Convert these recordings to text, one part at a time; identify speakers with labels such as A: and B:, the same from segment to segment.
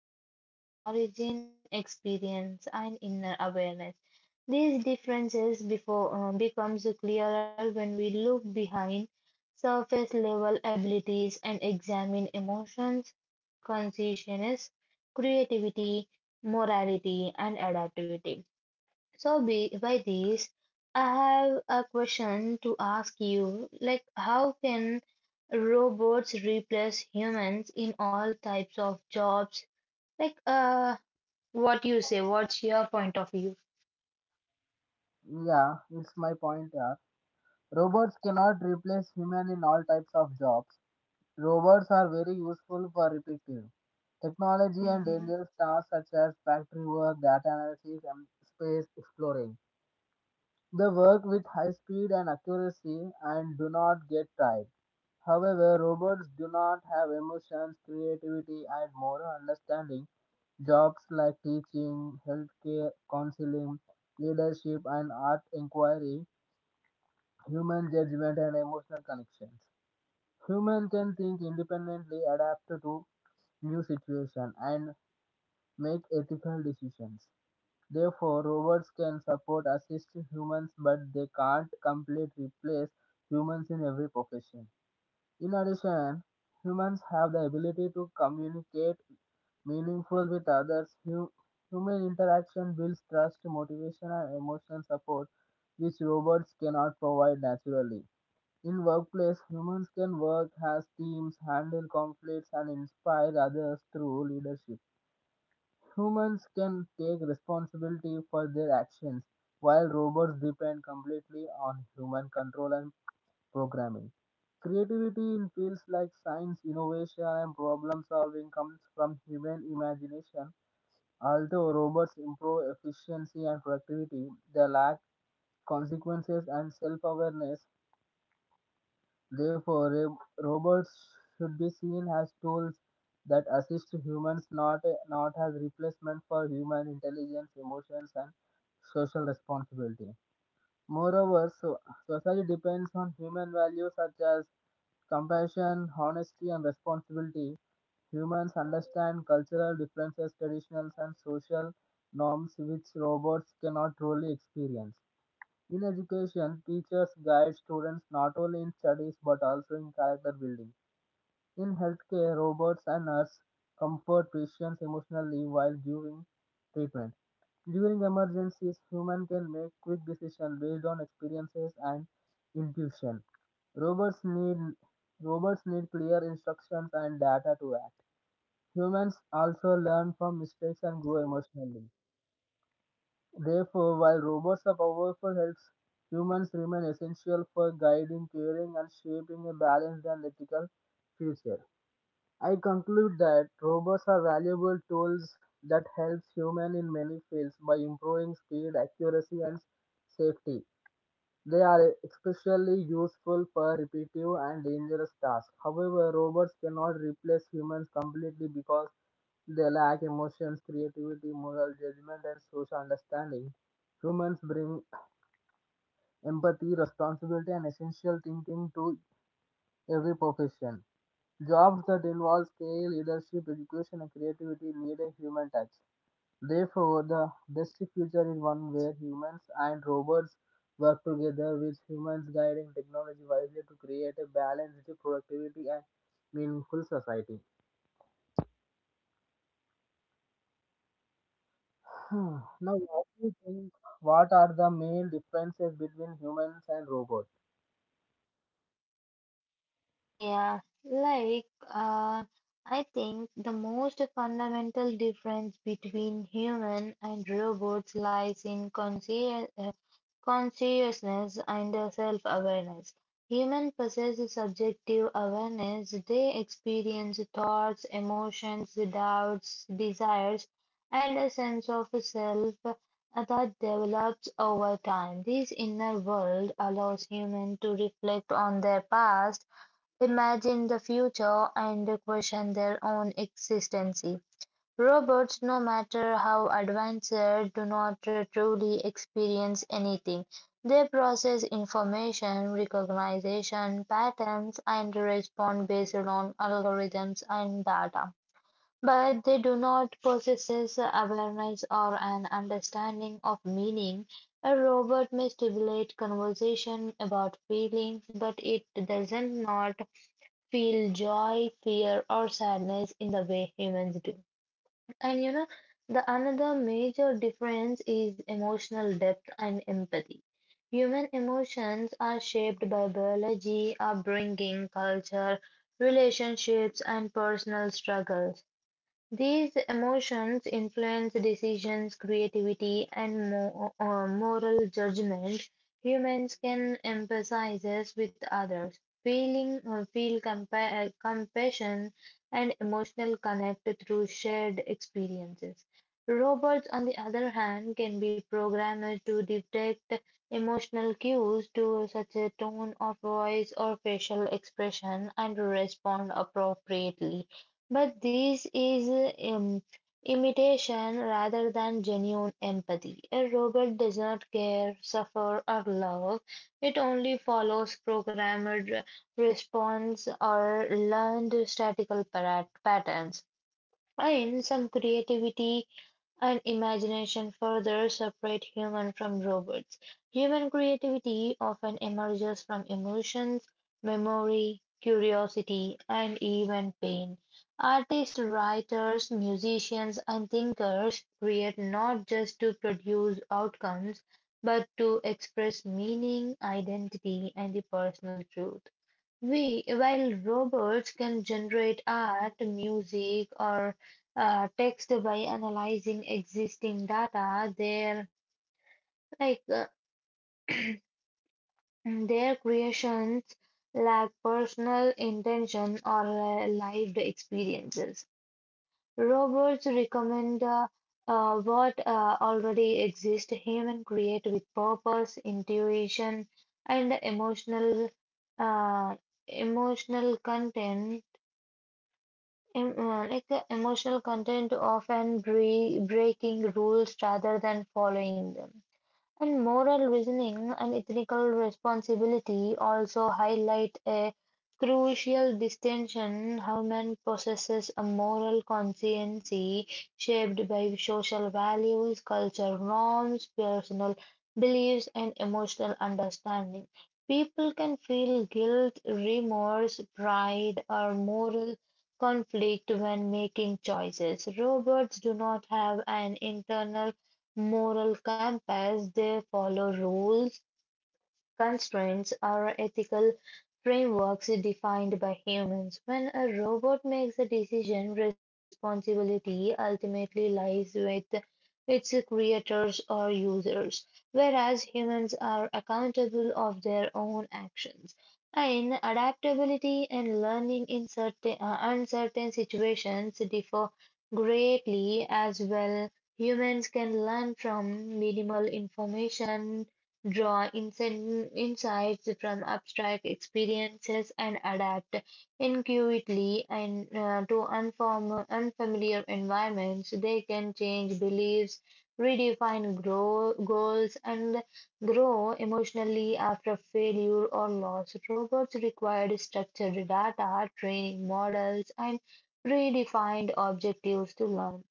A: from human beings in origin, experience, and inner awareness. These differences becomes clearer when we look behind surface level abilities and examine emotions, consciousness, creativity, morality, and adaptivity. So by this, I have a question to ask you, like, how can robots replace humans in all types of jobs? Like, what you say, what's your point of view?
B: Yeah, it's my point. Yeah. Robots cannot replace human in all types of jobs. Robots are very useful for repetitive technology and dangerous tasks such as factory work, data analysis, and space exploring. They work with high speed and accuracy and do not get tired. However, robots do not have emotions, creativity, and moral understanding. Jobs like teaching, healthcare, counseling, leadership, and art inquiry, human judgment, and emotional connections. Humans can think independently, adapt to new situations, and make ethical decisions. Therefore, robots can support, assist humans, but they can't completely replace humans in every profession. In addition, humans have the ability to communicate meaningful with others. Human interaction builds trust, motivation, and emotional support, which robots cannot provide naturally. In workplace, humans can work as teams, handle conflicts, and inspire others through leadership. Humans can take responsibility for their actions, while robots depend completely on human control and programming. Creativity in fields like science, innovation, and problem solving comes from human imagination. Although robots improve efficiency and productivity, they lack consequences and self awareness. Therefore, robots should be seen as tools that assist humans, not as replacement for human intelligence, emotions, and social responsibility. Moreover, so, society depends on human values such as compassion, honesty, and responsibility. Humans understand cultural differences, traditions, and social norms which robots cannot truly experience. In education, teachers guide students not only in studies but also in character building. In healthcare, robots and nurses comfort patients emotionally while giving treatment. During emergencies, humans can make quick decisions based on experiences and intuition. Robots need Robots need clear instructions and data to act. Humans also learn from mistakes and grow emotionally. Therefore, while robots are powerful helps, humans remain essential for guiding, caring, and shaping a balanced and ethical future. I conclude that robots are valuable tools that helps humans in many fields by improving speed, accuracy, and safety. They are especially useful for repetitive and dangerous tasks. However, robots cannot replace humans completely because they lack emotions, creativity, moral judgment, and social understanding. Humans bring empathy, responsibility, and essential thinking to every profession. Jobs that involve skill, leadership, education, and creativity need a human touch. Therefore, the best future is one where humans and robots work together, with humans guiding technology wisely to create a balanced productivity and meaningful society. Hmm, now, what do you think? What are the main differences between humans and robots?
A: Yeah, I think the most fundamental difference between human and robots lies in consciousness and self-awareness. Human possesses subjective awareness. They experience thoughts, emotions, doubts, desires, and a sense of self that develops over time. This inner world allows human to reflect on their past, imagine the future, and question their own existence. Robots, no matter how advanced, do not truly experience anything. They process information, recognition patterns, and respond based on algorithms and data. But they do not possess awareness or an understanding of meaning. A robot may stimulate conversation about feelings, but it doesn't not feel joy, fear, or sadness in the way humans do. And you know, the another major difference is emotional depth and empathy. Human emotions are shaped by biology, upbringing, culture, relationships, and personal struggles. These emotions influence decisions, creativity, and moral judgment. Humans can empathize with others, feel compassion and emotional connect through shared experiences. Robots, on the other hand, can be programmed to detect emotional cues to such a tone of voice or facial expression and respond appropriately. But this is um, imitation rather than genuine empathy. A robot does not care, suffer, or love. It only follows programmed response or learned statistical patterns. And some creativity and imagination further separate human from robots. Human creativity often emerges from emotions, memory, curiosity, and even pain. Artists, writers, musicians, and thinkers create not just to produce outcomes, but to express meaning, identity, and the personal truth. While robots can generate art, music, or text by analyzing existing data, their like uh, their creations lack personal intention or lived experiences. Robots recommend what already exists. Human create with purpose, intuition, and uh, emotional content like the emotional content often breaking rules rather than following them. And moral reasoning and ethical responsibility also highlight a crucial distinction. Human possesses a moral conscience shaped by social values, cultural norms, personal beliefs, and emotional understanding. People can feel guilt, remorse, pride, or moral conflict when making choices. Robots do not have an internal moral compass, they follow rules, constraints are ethical frameworks defined by humans. When a robot makes a decision, responsibility ultimately lies with its creators or users, whereas humans are accountable of their own actions. In adaptability and learning in certain uncertain situations differ greatly as well. Humans can learn from minimal information, draw insights from abstract experiences, and adapt intuitively and to unfamiliar environments. They can change beliefs, redefine goals, and grow emotionally after failure or loss. Robots require structured data, training models, and predefined objectives to learn.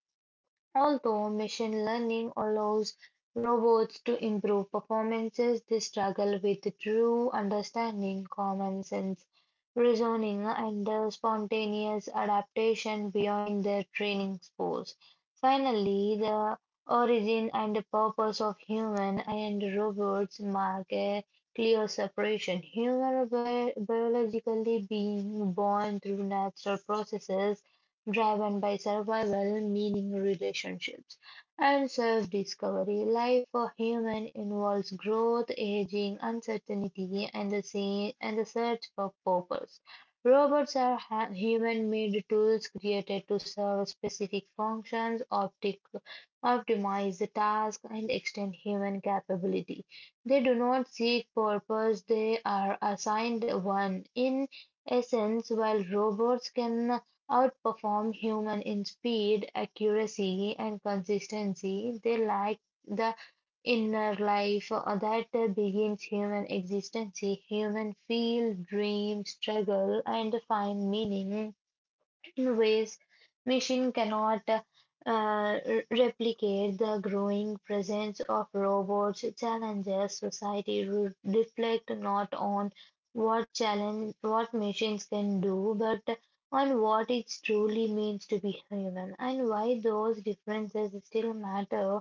A: Although machine learning allows robots to improve performances, they struggle with true understanding, common sense, reasoning, and the spontaneous adaptation beyond their training spores. Finally, the origin and the purpose of human and robots mark a clear separation. Humans are biologically being born through natural processes driven by survival, meaning, relationships, and self-discovery. Life for human involves growth, aging, uncertainty, and the search for purpose. Robots are human-made tools created to serve specific functions, optimize the task, and extend human capability. They do not seek purpose; they are assigned one. In essence, while robots can outperform human in speed, accuracy, and consistency, they lack the inner life that begins human existence. Human feel, dream, struggle, and find meaning in ways machine cannot replicate the growing presence of robots challenges society to reflect not on what machines can do but on what it truly means to be human, and why those differences still matter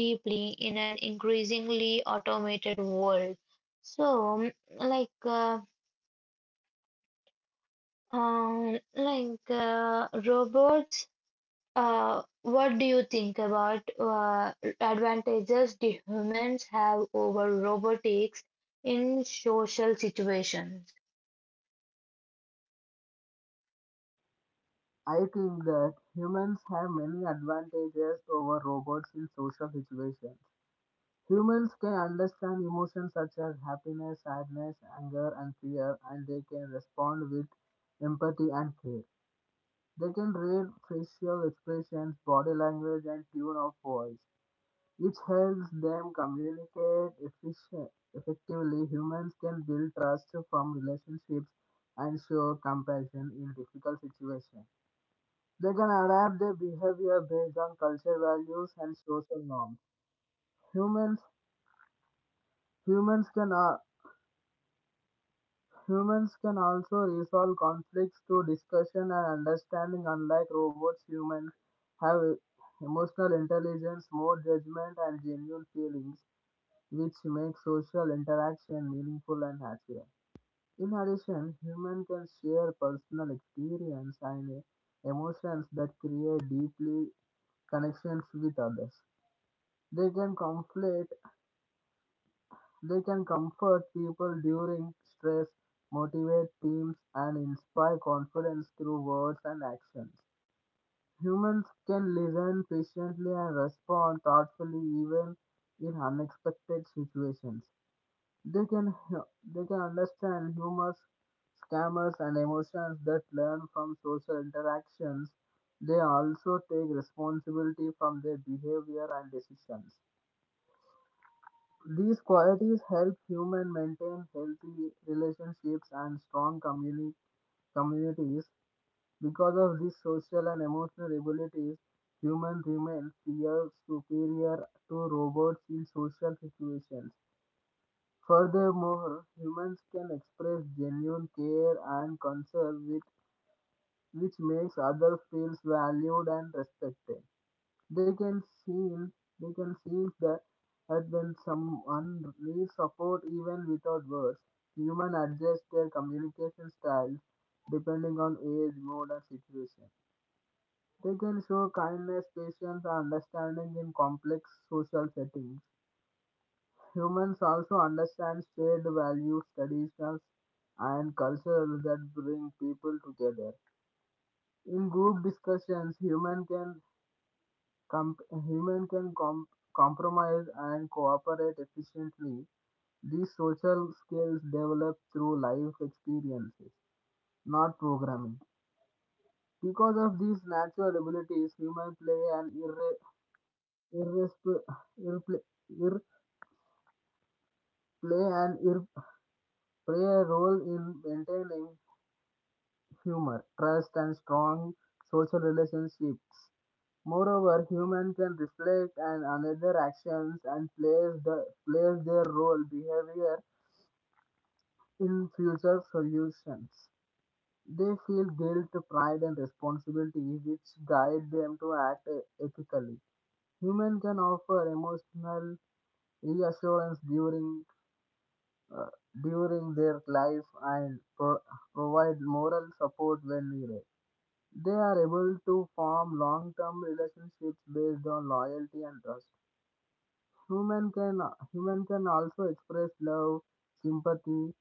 A: deeply in an increasingly automated world. So like uh, um, like uh, robots uh, what do you think about advantages do humans have over robotics in social situations?
B: I think that humans have many advantages over robots in social situations. Humans can understand emotions such as happiness, sadness, anger, and fear, and they can respond with empathy and care. They can read facial expressions, body language, and tone of voice, which helps them communicate efficient, effectively. Humans can build trust from relationships and show compassion in difficult situations. They can adapt their behavior based on cultural values and social norms. Humans Humans can uh, Humans can also resolve conflicts through discussion and understanding. Unlike robots, humans have emotional intelligence, more judgment, and genuine feelings, which make social interaction meaningful and happier. In addition, humans can share personal experience and emotions that create deeply connections with others. They can conflict They can comfort people during stress, motivate teams, and inspire confidence through words and actions. Humans can listen patiently and respond thoughtfully even in unexpected situations. They can they can understand humors, scammers, and emotions that learn from social interactions. They also take responsibility from their behavior and decisions. These qualities help humans maintain healthy relationships and strong communities. Because of these social and emotional abilities, humans remain far superior to robots in social situations. Furthermore, humans can express genuine care and concern, with, which makes others feel valued and respected. They can seem they can sense that when someone needs support even without words. Humans adjust their communication styles depending on age, mood, and situation. They can show kindness, patience, and understanding in complex social settings. Humans also understand shared values, traditions, and cultures that bring people together. In group discussions, humans can Comp- humans can com- compromise and cooperate efficiently. These social skills develop through life experiences, not programming. Because of these natural abilities, human play an irre- irresp- irre- ir- play an ir- play a role in maintaining humor, trust, and strong social relationships. Moreover, humans can reflect on another actions and place, the, place their role behavior in future solutions. They feel guilt, pride, and responsibility, which guide them to act ethically. Humans can offer emotional reassurance uh, during their life and provide moral support when needed. They are able to form long-term relationships based on loyalty and trust. Human can human can also express love, sympathy,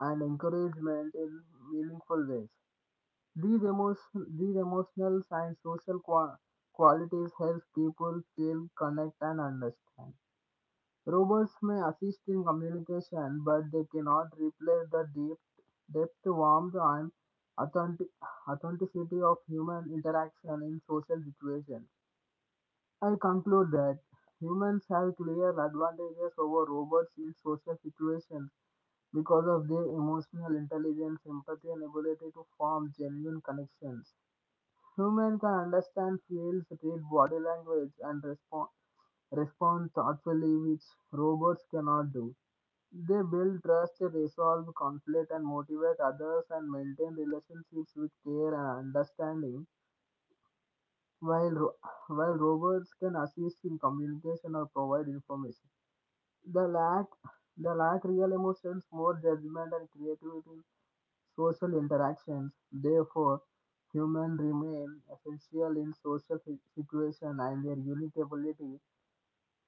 B: and encouragement in meaningful ways. These emotional and social qualities help people feel connect and understand. Robots may assist in communication, but they cannot replace the deep depth, warmth, and authentic- authenticity of human interaction in social situations. I conclude that humans have clear advantages over robots in social situations because of their emotional intelligence, empathy, and ability to form genuine connections. Humans can understand feels, read body language, and respond thoughtfully, which robots cannot do. They build trust, resolve conflict, and motivate others and maintain relationships with care and understanding, while, ro- while robots can assist in communication or provide information. the lack, the lack real emotions, more judgment, and creativity in social interactions. Therefore, humans remain essential in social situations, and their unique ability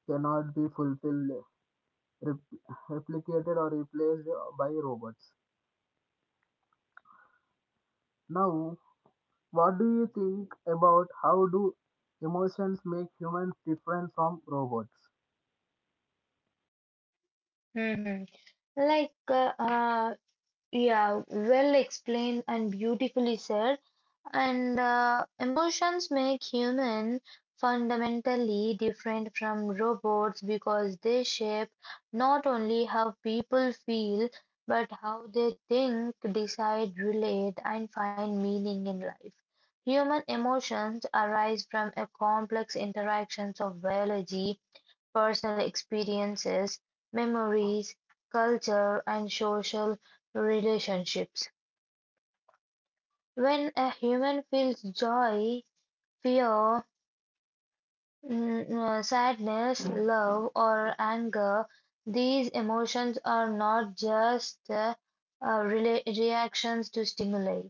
B: cannot be fulfilled, rep- replicated, or replaced by robots. Now, what do you think about how do emotions make humans different from robots?
A: Mhm. Like, uh, uh, yeah, well explained and beautifully said. And emotions make human fundamentally different from robots because they shape not only how people feel, but how they think, decide, relate, and find meaning in life. Human emotions arise from a complex interactions of biology, personal experiences, memories, culture, and social relationships. When a human feels joy, fear, sadness, love, or anger, these emotions are not just reactions to stimuli.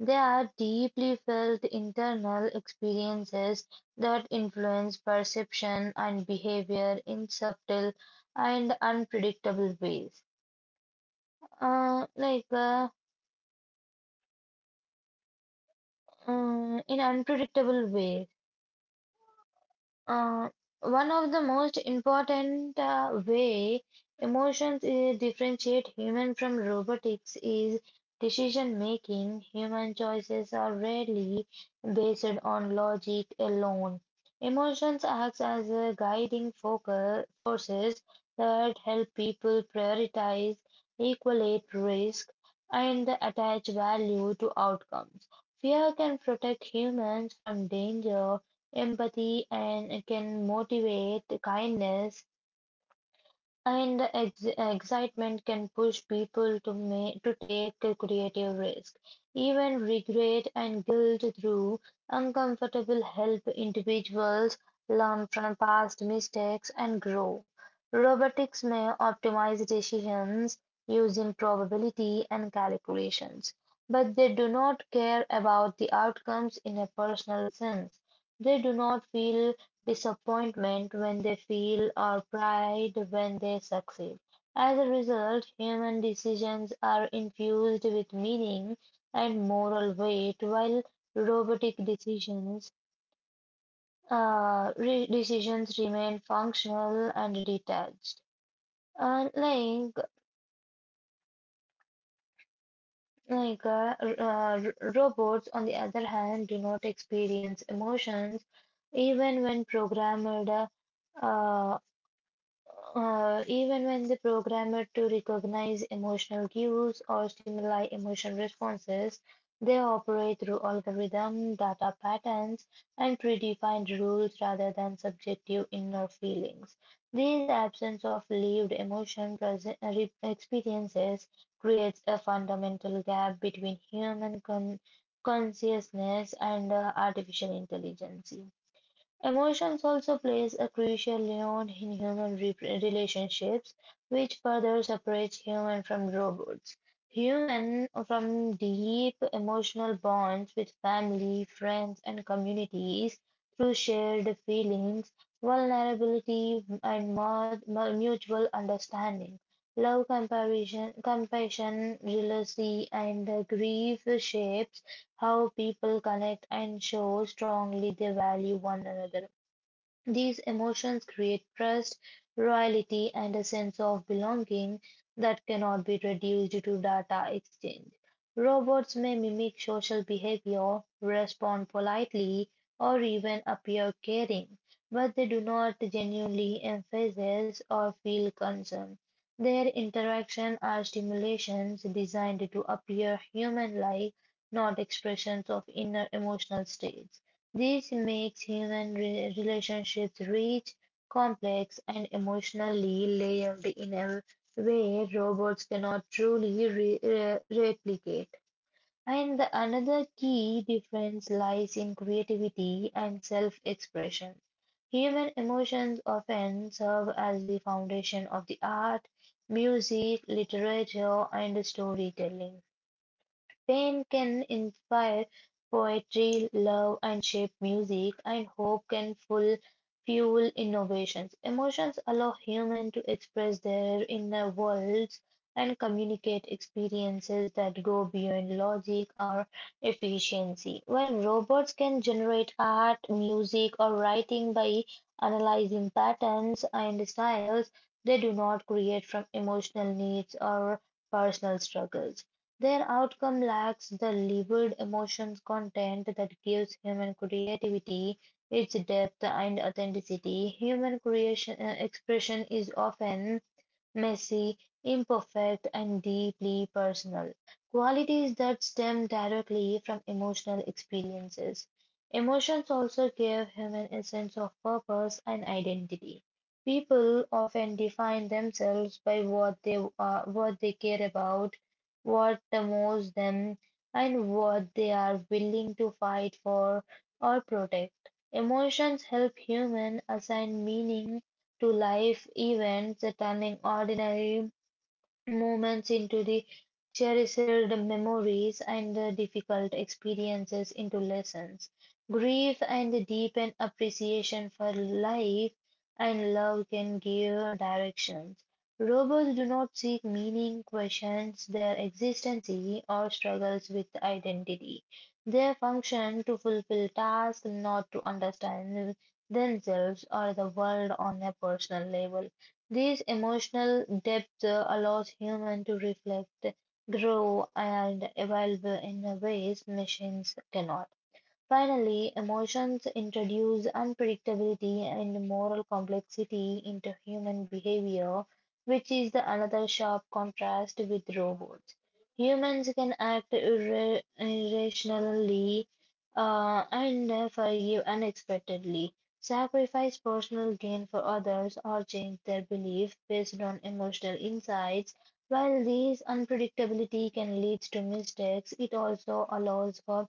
A: They are deeply felt internal experiences that influence perception and behavior in subtle and unpredictable ways. Uh, like uh, mm, in unpredictable ways. Uh, One of the most important way emotions differentiate human from robotics is decision making. Human choices are rarely based on logic alone. Emotions act as a guiding focal forces that help people prioritize, equate risk, and attach value to outcomes. Fear can protect humans from danger, empathy and it can motivate kindness, and the excitement can push people to take a creative risk. Even regret and guilt through uncomfortable help individuals learn from past mistakes and grow. Robotics may optimize decisions using probability and calculations, but they do not care about the outcomes in a personal sense. They do not feel disappointment when they fail or pride when they succeed. As a result, human decisions are infused with meaning and moral weight, while robotic decisions remain functional and detached. Unlike like r- Robots, on the other hand, do not experience emotions even when programmed, uh, even when the programmer to recognize emotional cues or stimuli emotional responses, they operate through algorithm, data patterns, and predefined rules rather than subjective inner feelings. This absence of lived experiences creates a fundamental gap between human consciousness and artificial intelligence. Emotions also plays a crucial role in human relationships, which further separates human from robots. Human from deep emotional bonds with family, friends, and communities through shared feelings, vulnerability, and mutual understanding. Love, compassion, jealousy, and grief shapes how people connect and show strongly they value one another. These emotions create trust, loyalty, and a sense of belonging that cannot be reduced to data exchange. Robots may mimic social behavior, respond politely, or even appear caring, but they do not genuinely emphasize or feel concern. Their interactions are stimulations designed to appear human like, not expressions of inner emotional states. This makes human relationships rich, complex, and emotionally layered in a way robots cannot truly replicate. And the another key difference lies in creativity and self-expression. Human emotions often serve as the foundation of the art, music, literature, and storytelling. Pain can inspire poetry, love and shape music, and hope can fuel innovations. Emotions allow humans to express their inner worlds and communicate experiences that go beyond logic or efficiency. While robots can generate art, music, or writing by analyzing patterns and styles, they do not create from emotional needs or personal struggles. Their outcome lacks the labored emotions content that gives human creativity its depth and authenticity; human creation expression is often messy, imperfect, and deeply personal. Qualities that stem directly from emotional experiences. Emotions also give humans a sense of purpose and identity. People often define themselves by what they are, what they care about, what moves them, and what they are willing to fight for or protect. Emotions help humans assign meaning to life events, turning ordinary moments into the cherished memories and the difficult experiences into lessons. Grief and the deepened appreciation for life and love can give directions. Robots do not seek meaning, questions their existence, or struggles with identity. They function to fulfill tasks, not to understand themselves or the world on a personal level. This emotional depth allows humans to reflect, grow, and evolve in ways machines cannot. Finally, emotions introduce unpredictability and moral complexity into human behavior, which is the another sharp contrast with robots. Humans can act irrationally and forgive unexpectedly, sacrifice personal gain for others, or change their belief based on emotional insights. While these unpredictability can lead to mistakes, it also allows for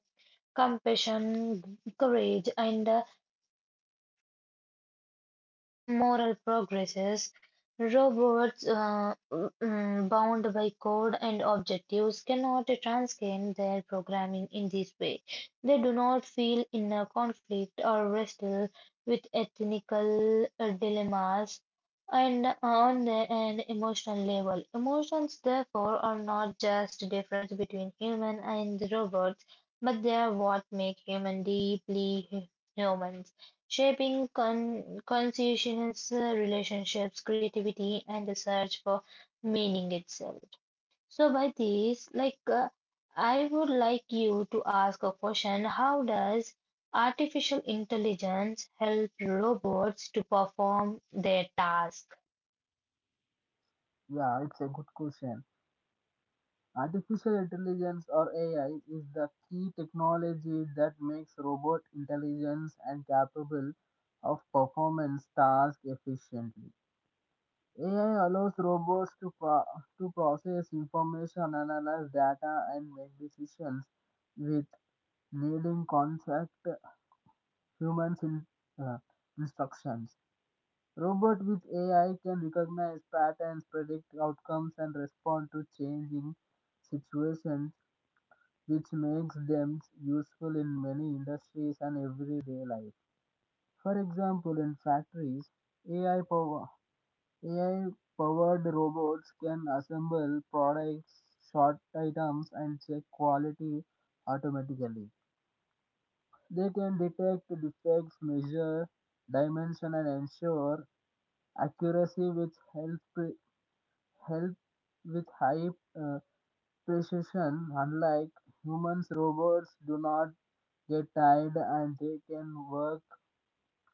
A: compassion, courage, and moral progresses. Robots bound by code and objectives cannot transcend their programming in this way. They do not feel inner conflict or wrestle with ethical dilemmas and on the, an emotional level. Emotions, therefore, are not just a difference between human and robots, but they are what make human deeply human, shaping conscientious relationships, creativity, and the search for meaning itself. So, by this, I would like you to ask a question: how does artificial intelligence help robots to perform their task?
B: Yeah, it's a good question. Artificial intelligence or AI is the key technology that makes robot intelligence and capable of performance tasks efficiently. AI allows robots to process information, analyze data, and make decisions with needing concept humans uh, instructions. Robot with AI can recognize patterns, predict outcomes, and respond to changing situations, which makes them useful in many industries and everyday life. For example, in factories, AI power AI powered robots can assemble products, sort items, and check quality automatically. They can detect defects, measure dimension, and ensure accuracy, which helps Help with high uh, precision. Unlike humans, robots do not get tired and they can work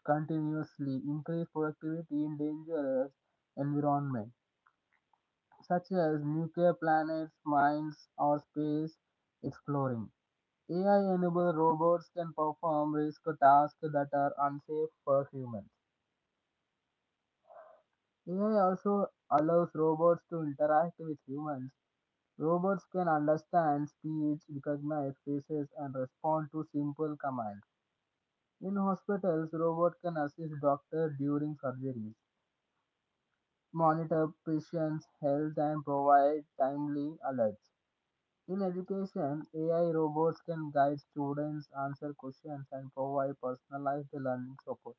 B: continuously, increase productivity in dangerous environment such as nuclear planets, mines, or space exploring. AI-enabled robots can perform risk tasks that are unsafe for humans. AI also allows robots to interact with humans. Robots can understand speech, recognize faces, and respond to simple commands. In hospitals, robots can assist doctors during surgeries, monitor patients' health, and provide timely alerts. In education, AI robots can guide students, answer questions, and provide personalized learning support.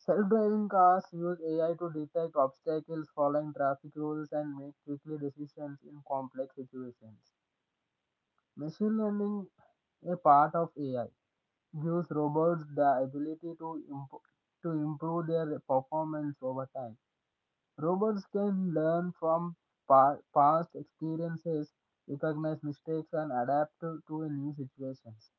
B: Self-driving cars use AI to detect obstacles, follow traffic rules, and make quickly decisions in complex situations. Machine learning, a part of AI, gives robots the ability to improve their performance over time. Robots can learn from past experiences, recognize mistakes, and adapt to a new situations.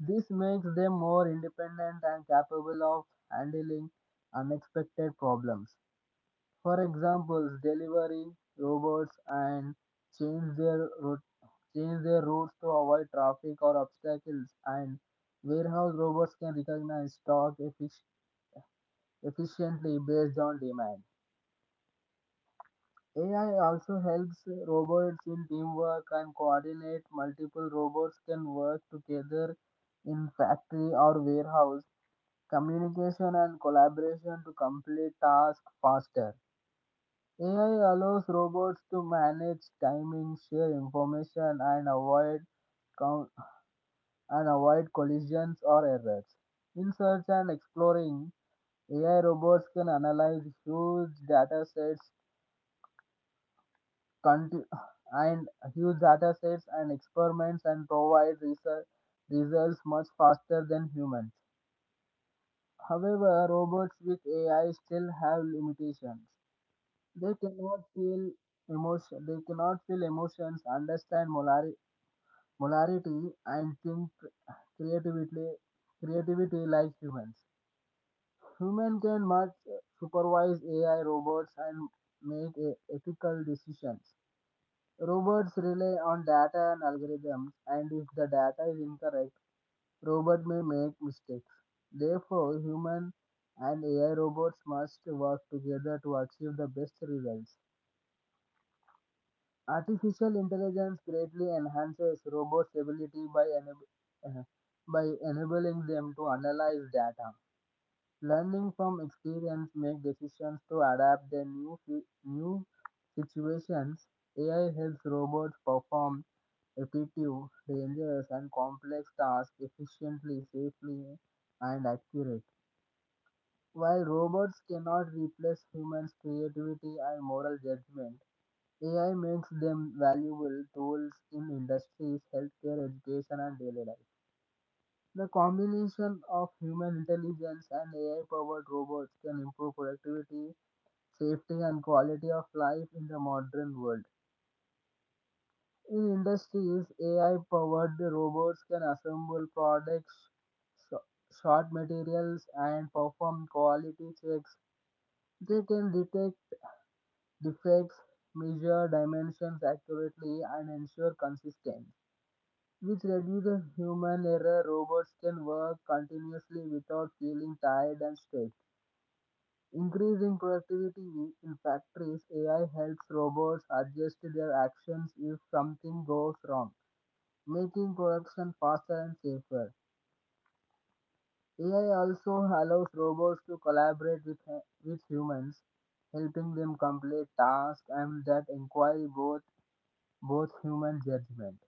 B: This makes them more independent and capable of handling unexpected problems. For examples, delivery robots and change their route, change their routes to avoid traffic or obstacles, and warehouse robots can recognize stock efficiently based on demand. AI also helps robots in teamwork and coordinate. Multiple robots can work together in factory or warehouse, communication and collaboration to complete tasks faster. AI allows robots to manage timing, share information, and con- and avoid collisions or errors. In search and exploring, AI robots can analyze huge data sets conti- and huge data sets and experiments and provide research results much faster than humans. However, robots with AI still have limitations. They cannot feel They cannot feel emotions, understand molarity, and think creatively. Creativity like humans. Human can much supervise AI robots and make ethical decisions. Robots rely on data and algorithms, and if the data is incorrect, robot may make mistakes. Therefore, human and AI robots must work together to achieve the best results. Artificial intelligence greatly enhances robots' ability uh, by enabling them to analyze data, learning from experience, make decisions to adapt their new situations. AI helps robots perform repetitive, dangerous, and complex tasks efficiently, safely, and accurate. While robots cannot replace humans' creativity and moral judgment, AI makes them valuable tools in industries, healthcare, education, and daily life. The combination of human intelligence and AI powered robots can improve productivity, safety, and quality of life in the modern world. In industries, AI powered robots can assemble products, sho- short materials, and perform quality checks. They can detect defects, measure dimensions accurately, and ensure consistency, which reduces human error. Robots can work continuously without feeling tired and stressed, increasing productivity. In factories, AI helps robots adjust their actions if something goes wrong, making production faster and safer. AI also allows robots to collaborate with humans, helping them complete tasks and that require both human judgment.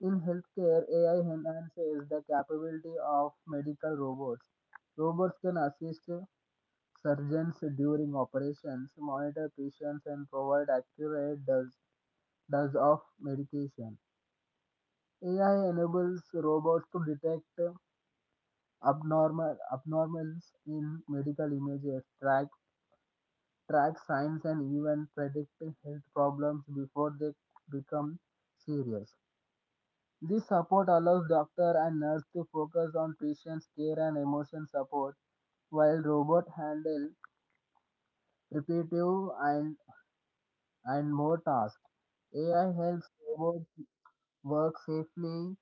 B: In healthcare, AI enhances the capability of medical robots. Robots can assist surgeons during operations, monitor patients, and provide accurate dose of medication. AI enables robots to detect abnormals in medical images, track signs, and even predict health problems before they become serious. This support allows doctor and nurse to focus on patient's care and emotion support, while robot handle repetitive and more tasks. AI helps robots work safely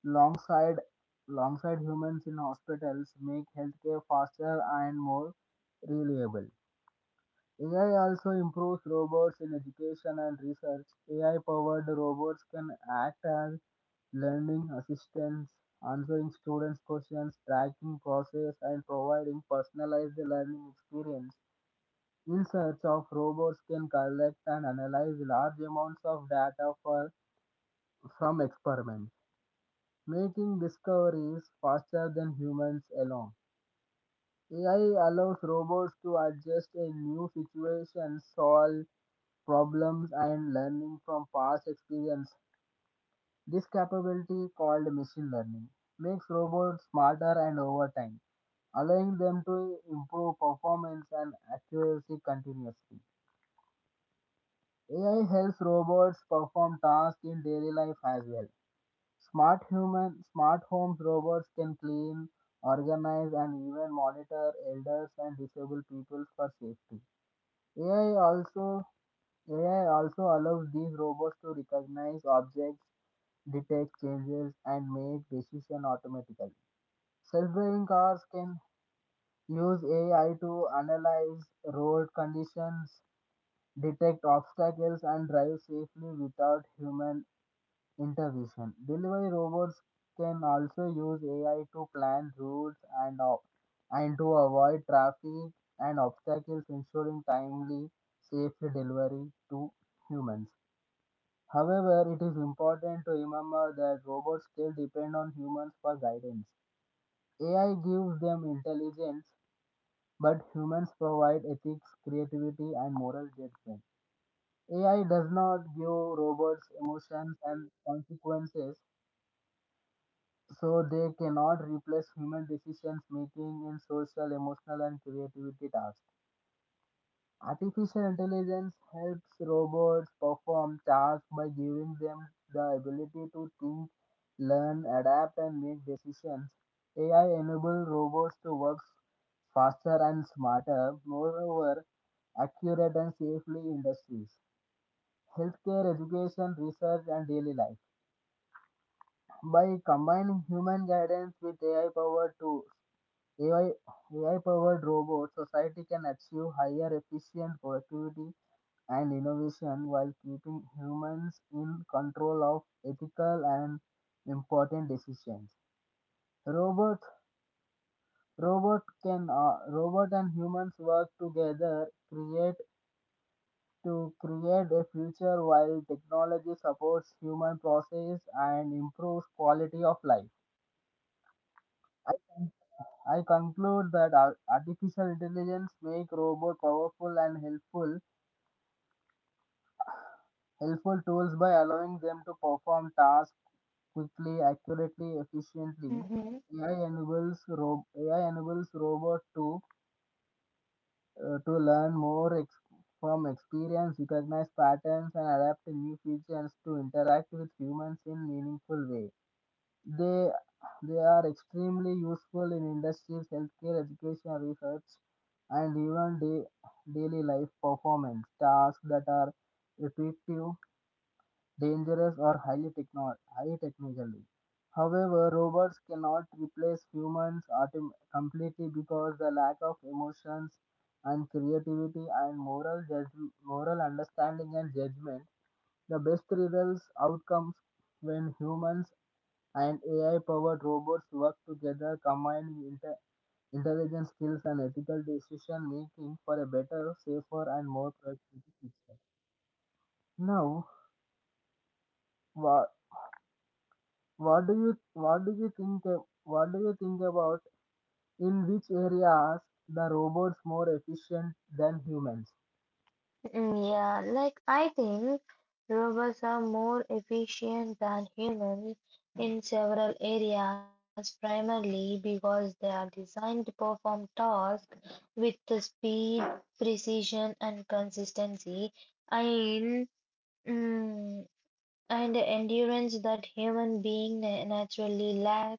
B: alongside alongside humans in hospitals, make healthcare faster and more reliable. AI also improves robots in education and research. AI powered robots can act as learning assistants, answering students' questions, tracking process, and providing personalized learning experience. In search of robots can collect and analyze large amounts of data from experiments, making discoveries faster than humans alone. AI allows robots to adjust in new situations, solve problems and learning from past experience. This capability, called machine learning, makes robots smarter and over time, allowing them to improve performance and accuracy continuously. AI helps robots perform tasks in daily life as well. Smart homes robots can clean, organize, and even monitor elders and disabled people for safety. AI also AI also allows these robots to recognize objects, detect changes, and make decisions automatically. Self driving cars can use AI to analyze road conditions, detect obstacles, and drive safely without human intervention. Delivery robots can also use AI to plan routes and to avoid traffic and obstacles, ensuring timely, safe delivery to humans. However, it is important to remember that robots still depend on humans for guidance. AI gives them intelligence, but humans provide ethics, creativity, and moral judgment. AI does not give robots emotions and consequences, so they cannot replace human decision making in social, emotional, and creativity tasks. Artificial intelligence helps robots perform tasks by giving them the ability to think, learn, adapt, and make decisions. AI enables robots to work faster and smarter, moreover, accurate and safely in industries, healthcare, education, research, and daily life. By combining human guidance with AI powered tools, AI, powered robots, society can achieve higher efficient productivity and innovation while keeping humans in control of ethical and important decisions. Robot, robot can robot and humans work together create to create a future while technology supports human process and improves quality of life. I, con- I conclude that artificial intelligence make robot powerful and helpful tools by allowing them to perform tasks quickly, accurately, efficiently.
A: Mhm.
B: AI enables robot to learn more from experience, recognize patterns, and adapt to new features to interact with humans in meaningful way. They they are extremely useful in industries, healthcare, education, research, and even daily life performance tasks that are repetitive dangerous, or high technologically. However, robots cannot replace humans completely because the lack of emotions and creativity and moral understanding and judgment. The best results outcomes when humans and AI-powered robots work together, combining intelligence skills and ethical decision making for a better, safer, and more productive future. Now, wha- what do you think about in which areas the robots more efficient than humans?
A: Yeah, like, I think robots are more efficient than humans in several areas, primarily because they are designed to perform tasks with the speed, precision, and consistency, and mm, and endurance that human being naturally lack.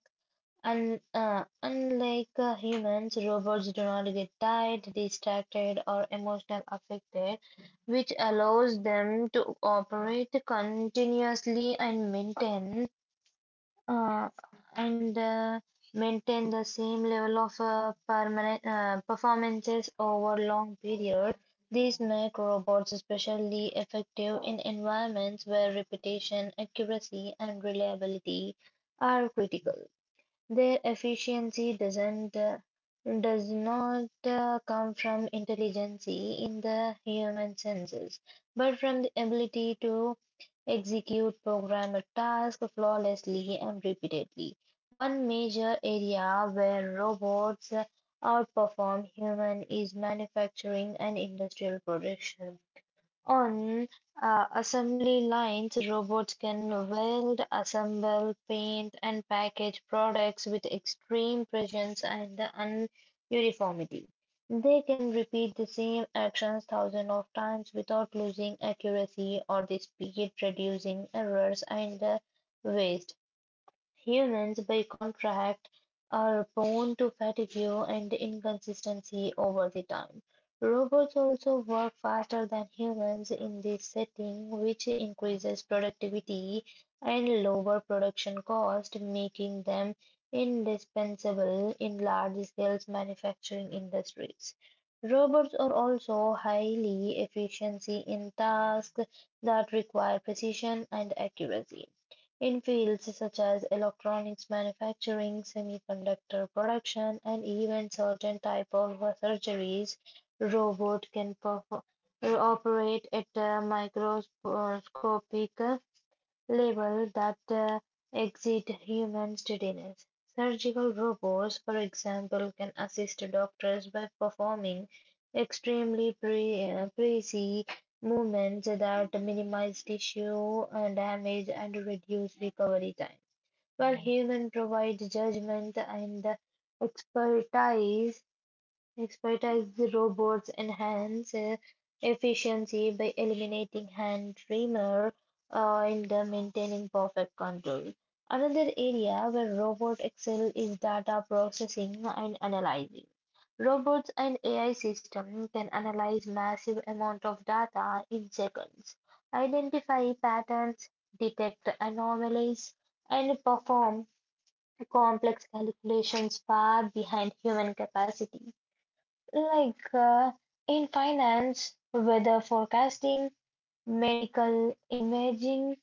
A: Un unlike humans, robots do not get tired, distracted, or emotionally affected, which allows them to operate continuously and uh, and uh, maintain the same level of permanent performances over long period. These make robots especially effective in environments where repetition, accuracy, and reliability are critical. Their efficiency does not come from intelligence in the human senses, but from the ability to execute programmed tasks flawlessly and repeatedly. One major area where robots outperform human is manufacturing and industrial production. On assembly lines, robots can weld, assemble, paint, and package products with extreme precision and the uniformity. They can repeat the same actions thousands of times without losing accuracy or the speed, reducing errors and waste. Humans, by contract, are prone to fatigue and inconsistency over the time. Robots also work faster than humans in this setting, which increases productivity and lower production cost, making them indispensable in large-scale manufacturing industries. Robots are also highly efficient in tasks that require precision and accuracy. In fields such as electronics manufacturing, semiconductor production, and even certain types of surgeries, robots can perform operate at a microscopic label that exceed human steadiness. Surgical robots, for example, can assist doctors by performing extremely precise movements that minimize tissue damage and reduce recovery time, while human provides judgment and expertise Expertise. Robots enhance efficiency by eliminating hand tremor in the maintaining perfect control. Another area where robots excel is data processing and analyzing. Robots and AI systems can analyze massive amount of data in seconds, identify patterns, detect anomalies, and perform complex calculations far behind human capacity. Like in finance, weather forecasting, medical imaging,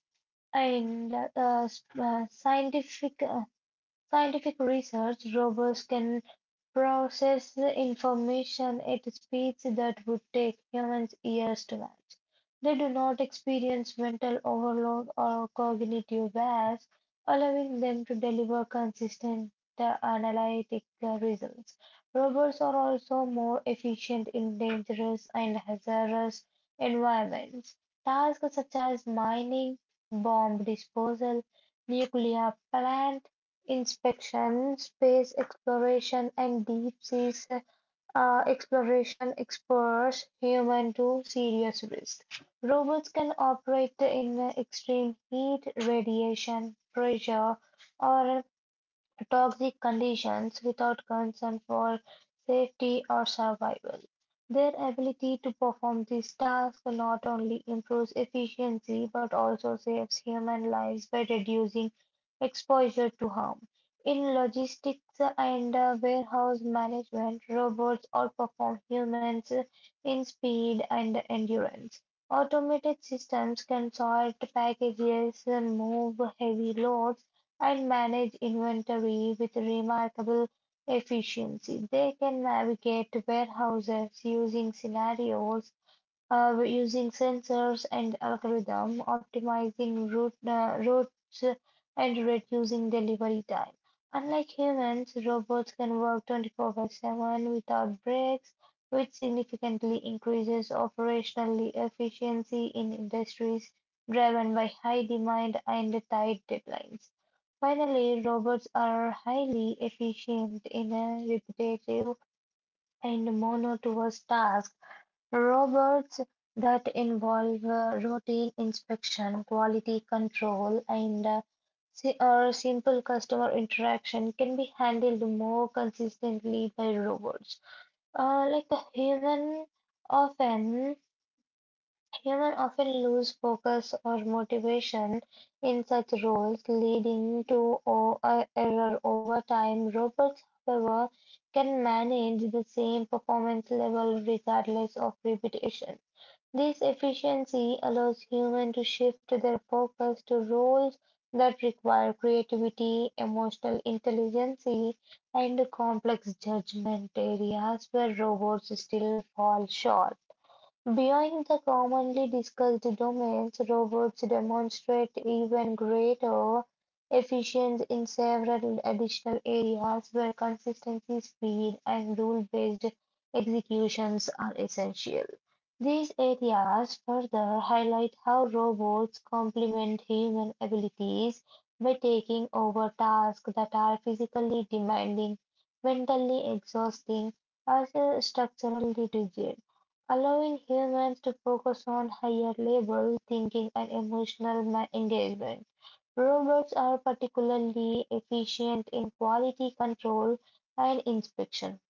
A: and s- uh, scientific uh, scientific research, robots can process the information at speeds that would take humans years to match. They do not experience mental overload or cognitive bias, allowing them to deliver consistent analytic results. Robots are also more efficient in dangerous and hazardous environments. Tasks such as mining, bomb disposal, nuclear plant inspection, space exploration, and deep sea exploration expose human to serious risk. Robots can operate in extreme heat, radiation, pressure, or toxic conditions without concern for safety or survival. Their ability to perform this task not only improves efficiency but also saves human lives by reducing exposure to harm. In logistics and warehouse management, robots outperform humans in speed and endurance. Automated systems can sort packages, move heavy loads, and manage inventory with remarkable efficiency. They can navigate warehouses using scenarios we're using sensors and algorithm, optimizing routes and reducing delivery time. Unlike humans, robots can work 24 by 7 without breaks, which significantly increases operational efficiency in industries driven by high demand and tight deadlines. Finally, robots are highly efficient in a repetitive and monotonous task. Robots that involve routine inspection, quality control, and or simple customer interaction can be handled more consistently by robots. Like the often human often lose focus or motivation in such roles, leading to error over time. Robots, however, can manage the same performance level regardless of repetition. This efficiency allows humans to shift their focus to roles that require creativity, emotional intelligence, and complex judgment areas where robots still fall short. Beyond the commonly discussed domains, robots demonstrate even greater efficiency in several additional areas where consistency, speed, and rule-based executions are essential. These areas further highlight how robots complement human abilities by taking over tasks that are physically demanding, mentally exhausting, or structurally rigid allowing humans to focus on higher level thinking and emotional engagement. Robots are particularly efficient in quality control and inspection.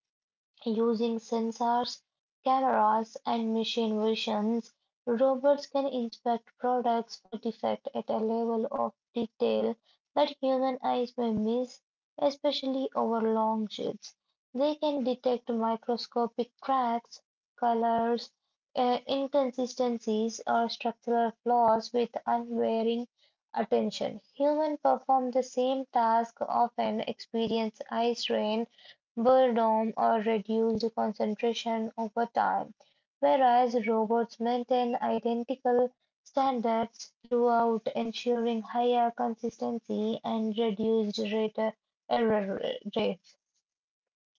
A: Using sensors, cameras, and machine visions, robots can inspect products for defect at a level of detail that human eyes may miss, especially over long shifts. They can detect microscopic cracks, colors, inconsistencies, or structural flaws with unwavering attention. Humans perform the same task, often experience eye strain were or reduced concentration over time, whereas robots maintain identical standards throughout, ensuring higher consistency and reduced rate error rates.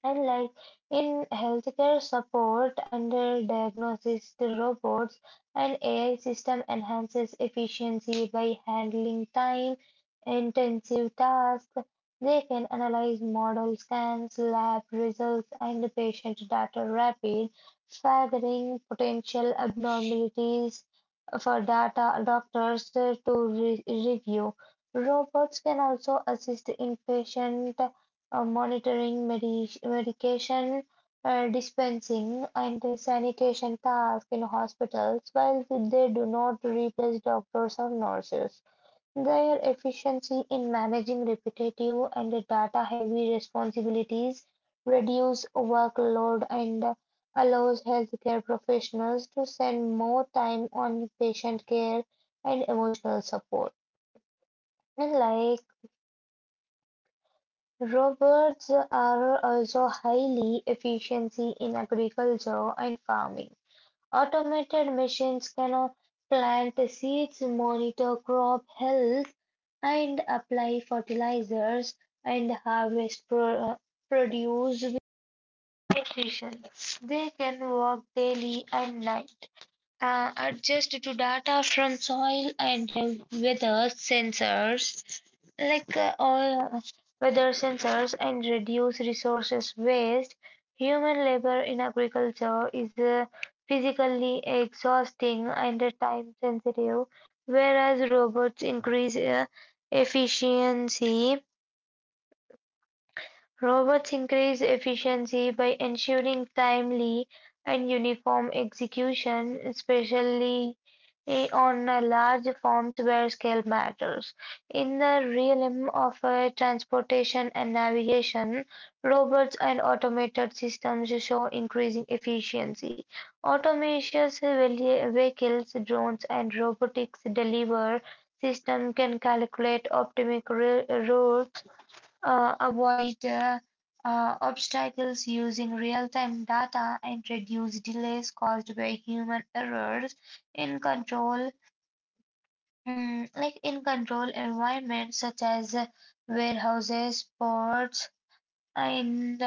A: And like, in healthcare support under diagnosis, the robots and AI system enhances efficiency by handling time intensive tasks. They can analyze model scans, lab results, and patient data rapid, flagging potential abnormalities for data doctors to review. Robots can also assist in patient monitoring, medication dispensing, and the sanitation tasks in hospitals, while they do not replace doctors or nurses. Their efficiency in managing repetitive and data-heavy responsibilities reduce workload and allows healthcare professionals to spend more time on patient care and emotional support. And like, robots are also highly efficient in agriculture and farming. Automated machines can plant seeds, monitor crop health, and apply fertilizers and harvest produce with precision. They can work daily and night, adjust to data from soil and weather sensors, like uh, all uh, weather sensors, and reduce resources waste. Human labor in agriculture is physically exhausting and time sensitive, whereas efficiency Robots increase efficiency by ensuring timely and uniform execution, especially on large forms where scale matters. In the realm of transportation and navigation, robots and automated systems show increasing efficiency. Autonomous vehicles, drones, and robotics delivery system can calculate optimal routes, avoid obstacles using real-time data and reduce delays caused by human errors in control. In control environments such as warehouses, ports, and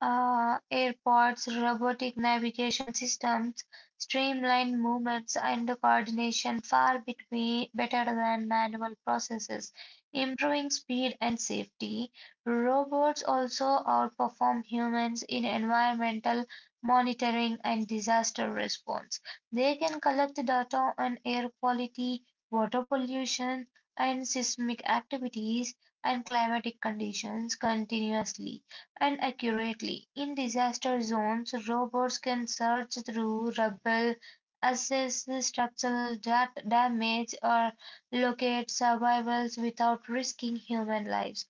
A: airports, robotic navigation systems streamline movements and the coordination far between, better than manual processes, improving speed and safety. Robots also outperform humans in environmental monitoring and disaster response. They can collect data on air quality, water pollution, and seismic activities and climatic conditions continuously and accurately. In disaster zones, robots can search through rubble, assess structural damage, or locate survivors without risking human lives.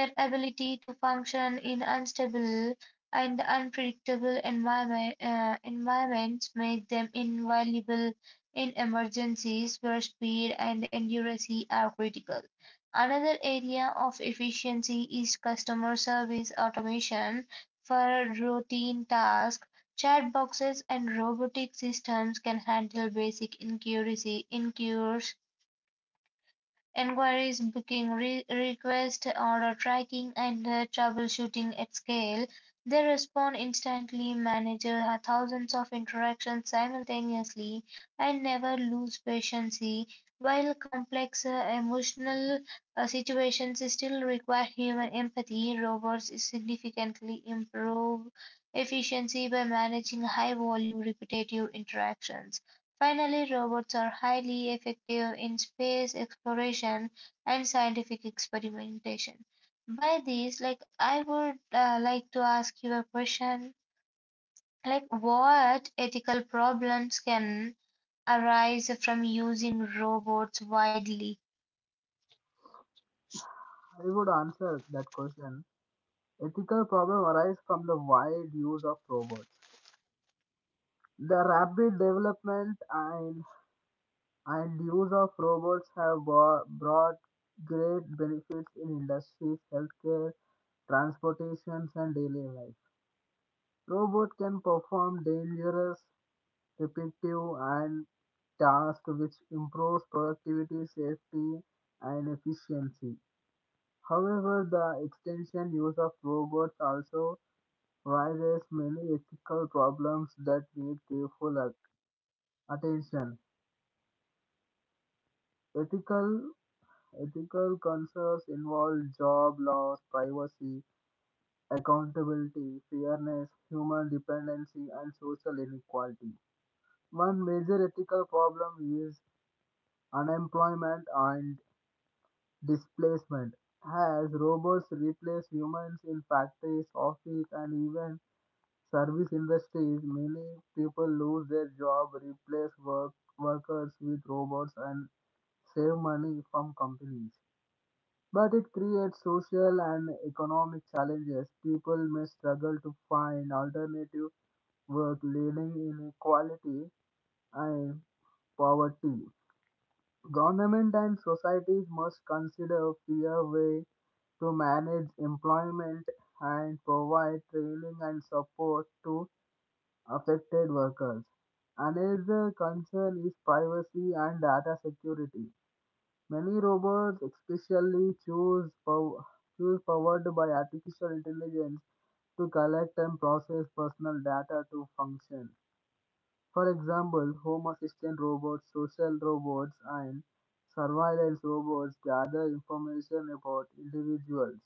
A: Their ability to function in unstable and unpredictable environments make them invaluable in emergencies where speed and accuracy are critical. Another area of efficiency is customer service automation for routine tasks. Chat boxes and robotic systems can handle basic inquiries inquiries Enquiries, booking requests, order tracking, and troubleshooting at scale. They respond instantly, manage thousands of interactions simultaneously, and never lose patience, while complex emotional situations still require human empathy. Robots significantly improve efficiency by managing high volume repetitive interactions. Finally, robots are highly effective in space exploration and scientific experimentation. By this, I would like to ask you a question, like, what ethical problems can arise from using robots widely?
B: I would answer that question. Ethical problem arise from the wide use of robots. The rapid development and use of robots have brought great benefits in industries, healthcare, transportations, and daily life. Robot can perform dangerous repetitive and tasks which improves productivity, safety, and efficiency. However, the extensive use of robots also raises many ethical problems that need careful attention. Ethical ethical concerns involve job loss, privacy, accountability, fairness, human dependency, and social inequality. One major ethical problem is unemployment and displacement. As robots replace humans in factories, office, and even service industries, many people lose their job, replace work, workers with robots, and save money from companies. But it creates social and economic challenges. People may struggle to find alternative work, leading inequality and poverty. Government and societies must consider a fair way to manage employment and provide training and support to affected workers. Another concern is privacy and data security. Many robots, especially choose powered by artificial intelligence, to collect and process personal data to function. For example, home assistant robots, social robots, and surveillance robots gather information about individuals.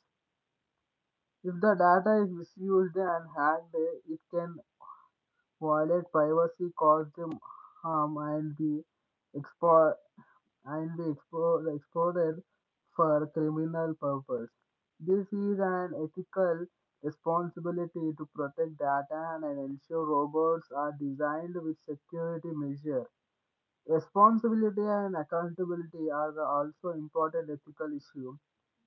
B: If the data is misused and hacked, it can violate privacy, cause them harm, and expo- and be exploited for criminal purpose. This is an ethical responsibility to protect data and ensure robots are designed with security measures. Responsibility and accountability are the also important ethical issue.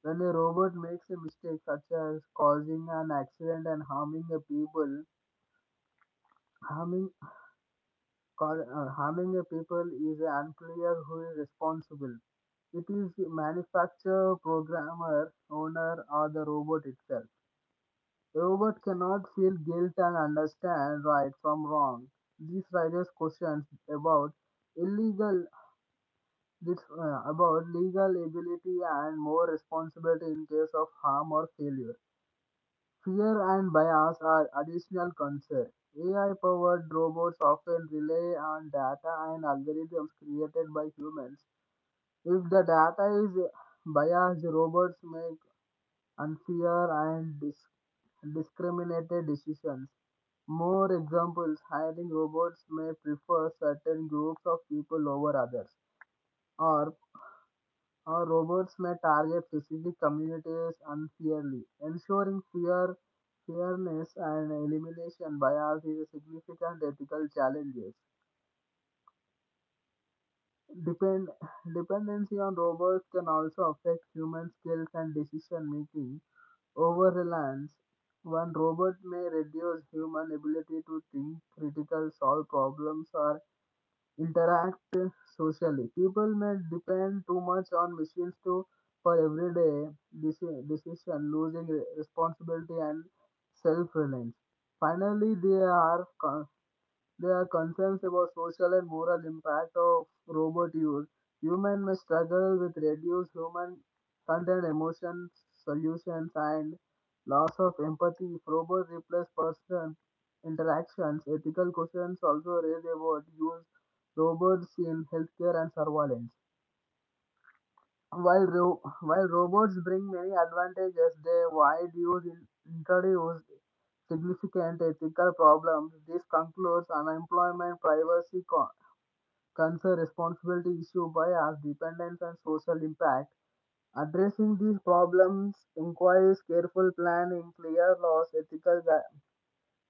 B: When a robot makes a mistake such as causing an accident and harming a people, harming harming a people is unclear who is responsible. It is manufacturer, programmer, owner, or the robot itself. The robot cannot feel guilt and understand right from wrong. This raises questions about illegal This about legal ability and more responsibility in case of harm or failure. Fear and bias are additional concerns. AI-powered robots often rely on data and algorithms created by humans. If the data is biased, robots make unfair and discriminated decisions. More examples hiring robots may prefer certain groups of people over others, or our robots may target specific communities unfairly. Ensuring fairness and elimination bias is a significant ethical challenge. Depend, dependency on robots can also affect human skills and decision making. Over reliance, one robot may reduce human ability to think, critical, solve problems, or interact socially. People may depend too much on machines to for everyday decision, losing responsibility and self-reliance. Finally, there are concerns about social and moral impact of robot use. Humans may struggle with reduced human content, emotion solutions, and loss of empathy if robots replace person interactions. Ethical questions also raise about use robots in healthcare and surveillance. While robots bring many advantages, they wide use introduce significant ethical problems. This concludes unemployment, privacy, concern, responsibility issue, bias, dependence, and social impact. Addressing these problems requires careful planning, clear laws,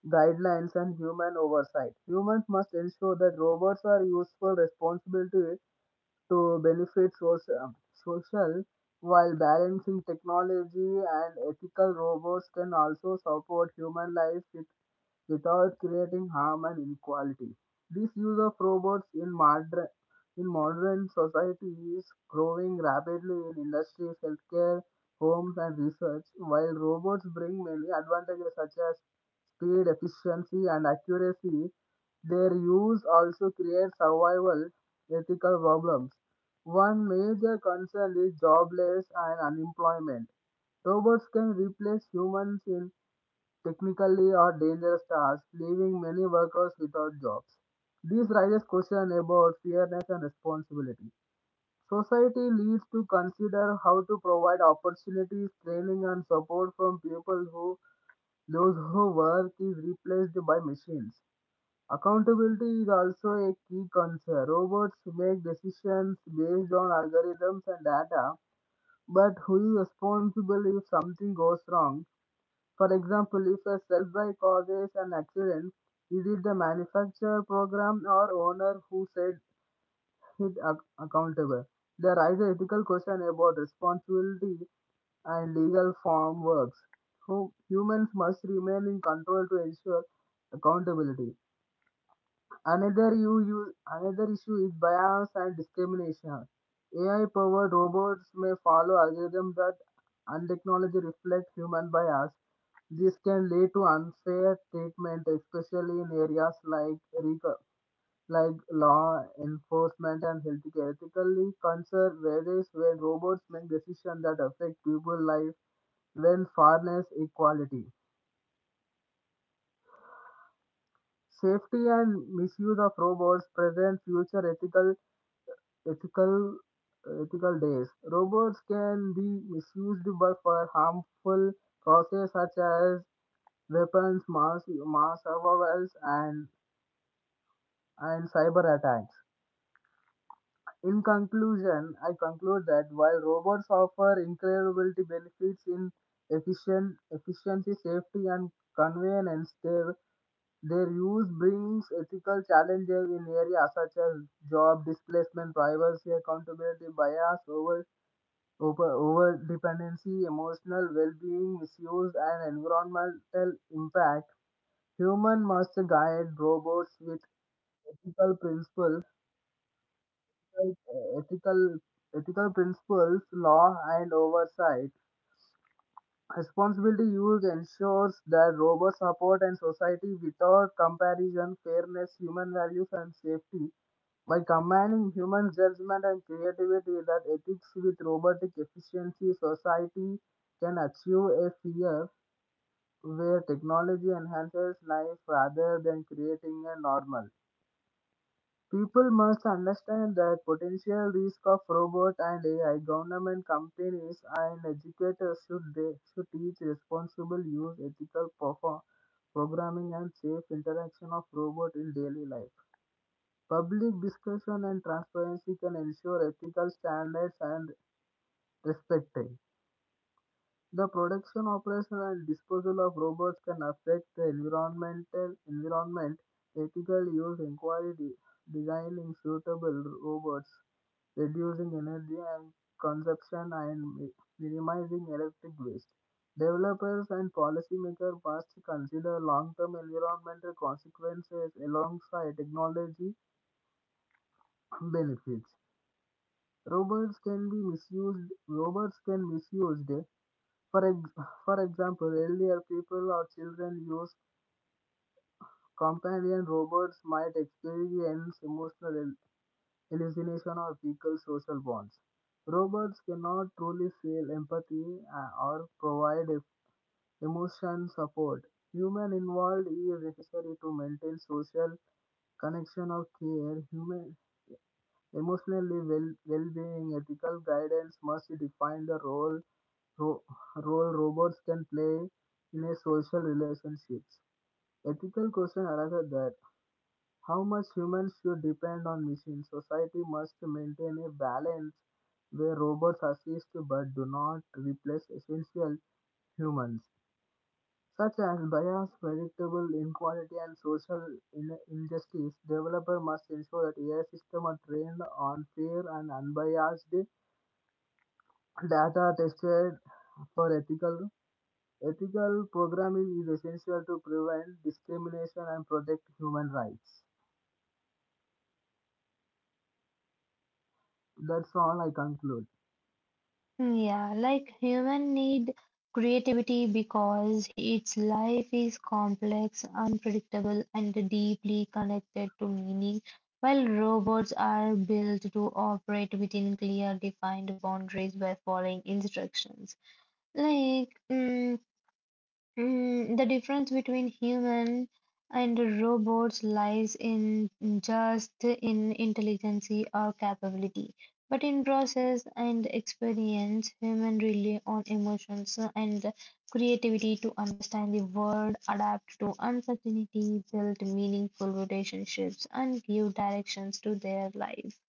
B: guidelines, and human oversight. Humans must ensure that robots are useful, responsible, to benefit social while balancing technology and ethical robots can also support human life without creating harm and inequality. This use of robots in modern society is growing rapidly in industries, healthcare, homes, and research. While robots bring many advantages such as speed, efficiency, and accuracy, their use also creates survival ethical problems. One major concern is jobless and unemployment. Robots can replace humans in technically or dangerous tasks, leaving many workers without jobs. This raises questions about fairness and responsibility. Society needs to consider how to provide opportunities, training, and support from people who those who work is replaced by machines. Accountability is also a key concern. Robots make decisions based on algorithms and data, but who is responsible if something goes wrong? For example, if a self by causes an accident, is it the manufacturer program or owner who said held accountable. They raise ethical question about responsibility and legal form works. Humans must remain in control to ensure accountability. Another issue is bias and discrimination. AI-powered robots may follow algorithms that untechnology reflect human bias. This can lead to unfair treatment, especially in areas like law enforcement and healthcare, ethically concerned areas when robots make decisions that affect people's life when fairness, equality, safety, and misuse of robots present future ethical ethical days. Robots can be misused by for harmful causes such as weapons, mass surveillance, and cyber attacks. In conclusion, I conclude that while robots offer incredible benefits in efficiency, safety, and convenience, their use brings ethical challenges in areas such as job displacement, privacy, accountability, bias, over dependency, emotional well being, misuse, and environmental impact. Human must guide robots with ethical principles like uh, ethical ethical principles, law, and oversight. Responsibility use ensures that robots support and society without comparison, fairness, human values, and safety. By combining human judgment and creativity that ethics with robotic efficiency, society can achieve a fear where technology enhances life rather than creating a normal. People must understand the potential risk of robots and AI. Government, companies, and educators should teach responsible use, programming, and safe interaction of robots in daily life. Public discussion and transparency can ensure ethical standards and respected. The production, operation, and disposal of robots can affect the environment. Ethical use inquiry designing suitable robots, reducing energy and consumption, and minimizing electric waste. Developers and policymakers must consider long-term environmental consequences alongside technology benefits. Robots can be misused. Robots can misused for example, earlier people or children use companion robots might experience hallucination or weaken social bonds. Robots cannot truly feel empathy or provide emotion support. Human involved is necessary to maintain social connection or care. Human Emotionally well-being, ethical guidance must define the ro- role robots can play in a social relationships. Ethical question arises that how much humans should depend on machines. Society must maintain a balance where robots assist but do not replace essential humans. Such as bias, predictable inequality, and social injustice, developers must ensure that AI systems are trained on fair and unbiased data tested for ethical. Ethical programming is essential to prevent discrimination and protect human rights. That's all I conclude.
A: Yeah, like, human need creativity because its life is complex, unpredictable, and deeply connected to meaning, while robots are built to operate within clear defined boundaries by following instructions. Like, mm the difference between human and robots lies in just in intelligence or capability, but in process and experience. Human rely on emotions and creativity to understand the world, adapt to uncertainty, build meaningful relationships, and give directions to their life.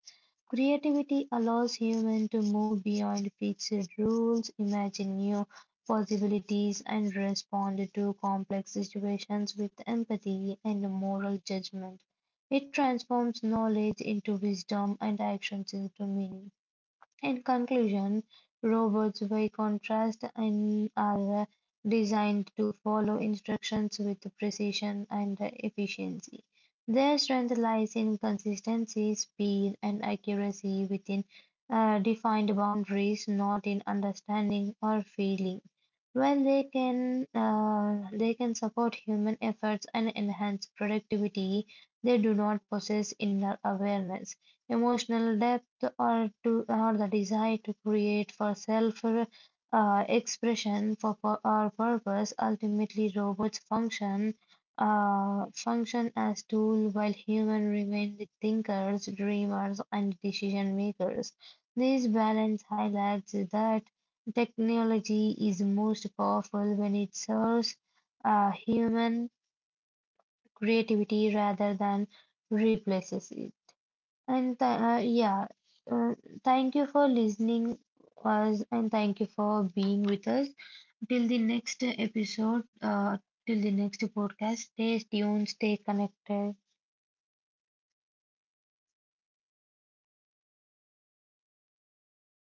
A: Creativity allows humans to move beyond fixed rules, imagine new possibilities, and respond to complex situations with empathy and moral judgment. It transforms knowledge into wisdom and actions into meaning. In conclusion, robots by contrast in are designed to follow instructions with precision and efficiency. Their strength lies in consistency, speed, and accuracy within defined boundaries, not in understanding or feeling. While they can support human efforts and enhance productivity, they do not possess inner awareness, emotional depth to or the desire to create for self expression for or purpose. Ultimately, robots function as tool while human remain the thinkers, dreamers, and decision makers. This balance highlights that technology is most powerful when it serves human creativity rather than replaces it. And uh, thank you for listening us and thank you for being with us. Till the next episode, till the next podcast, stay tuned, stay connected.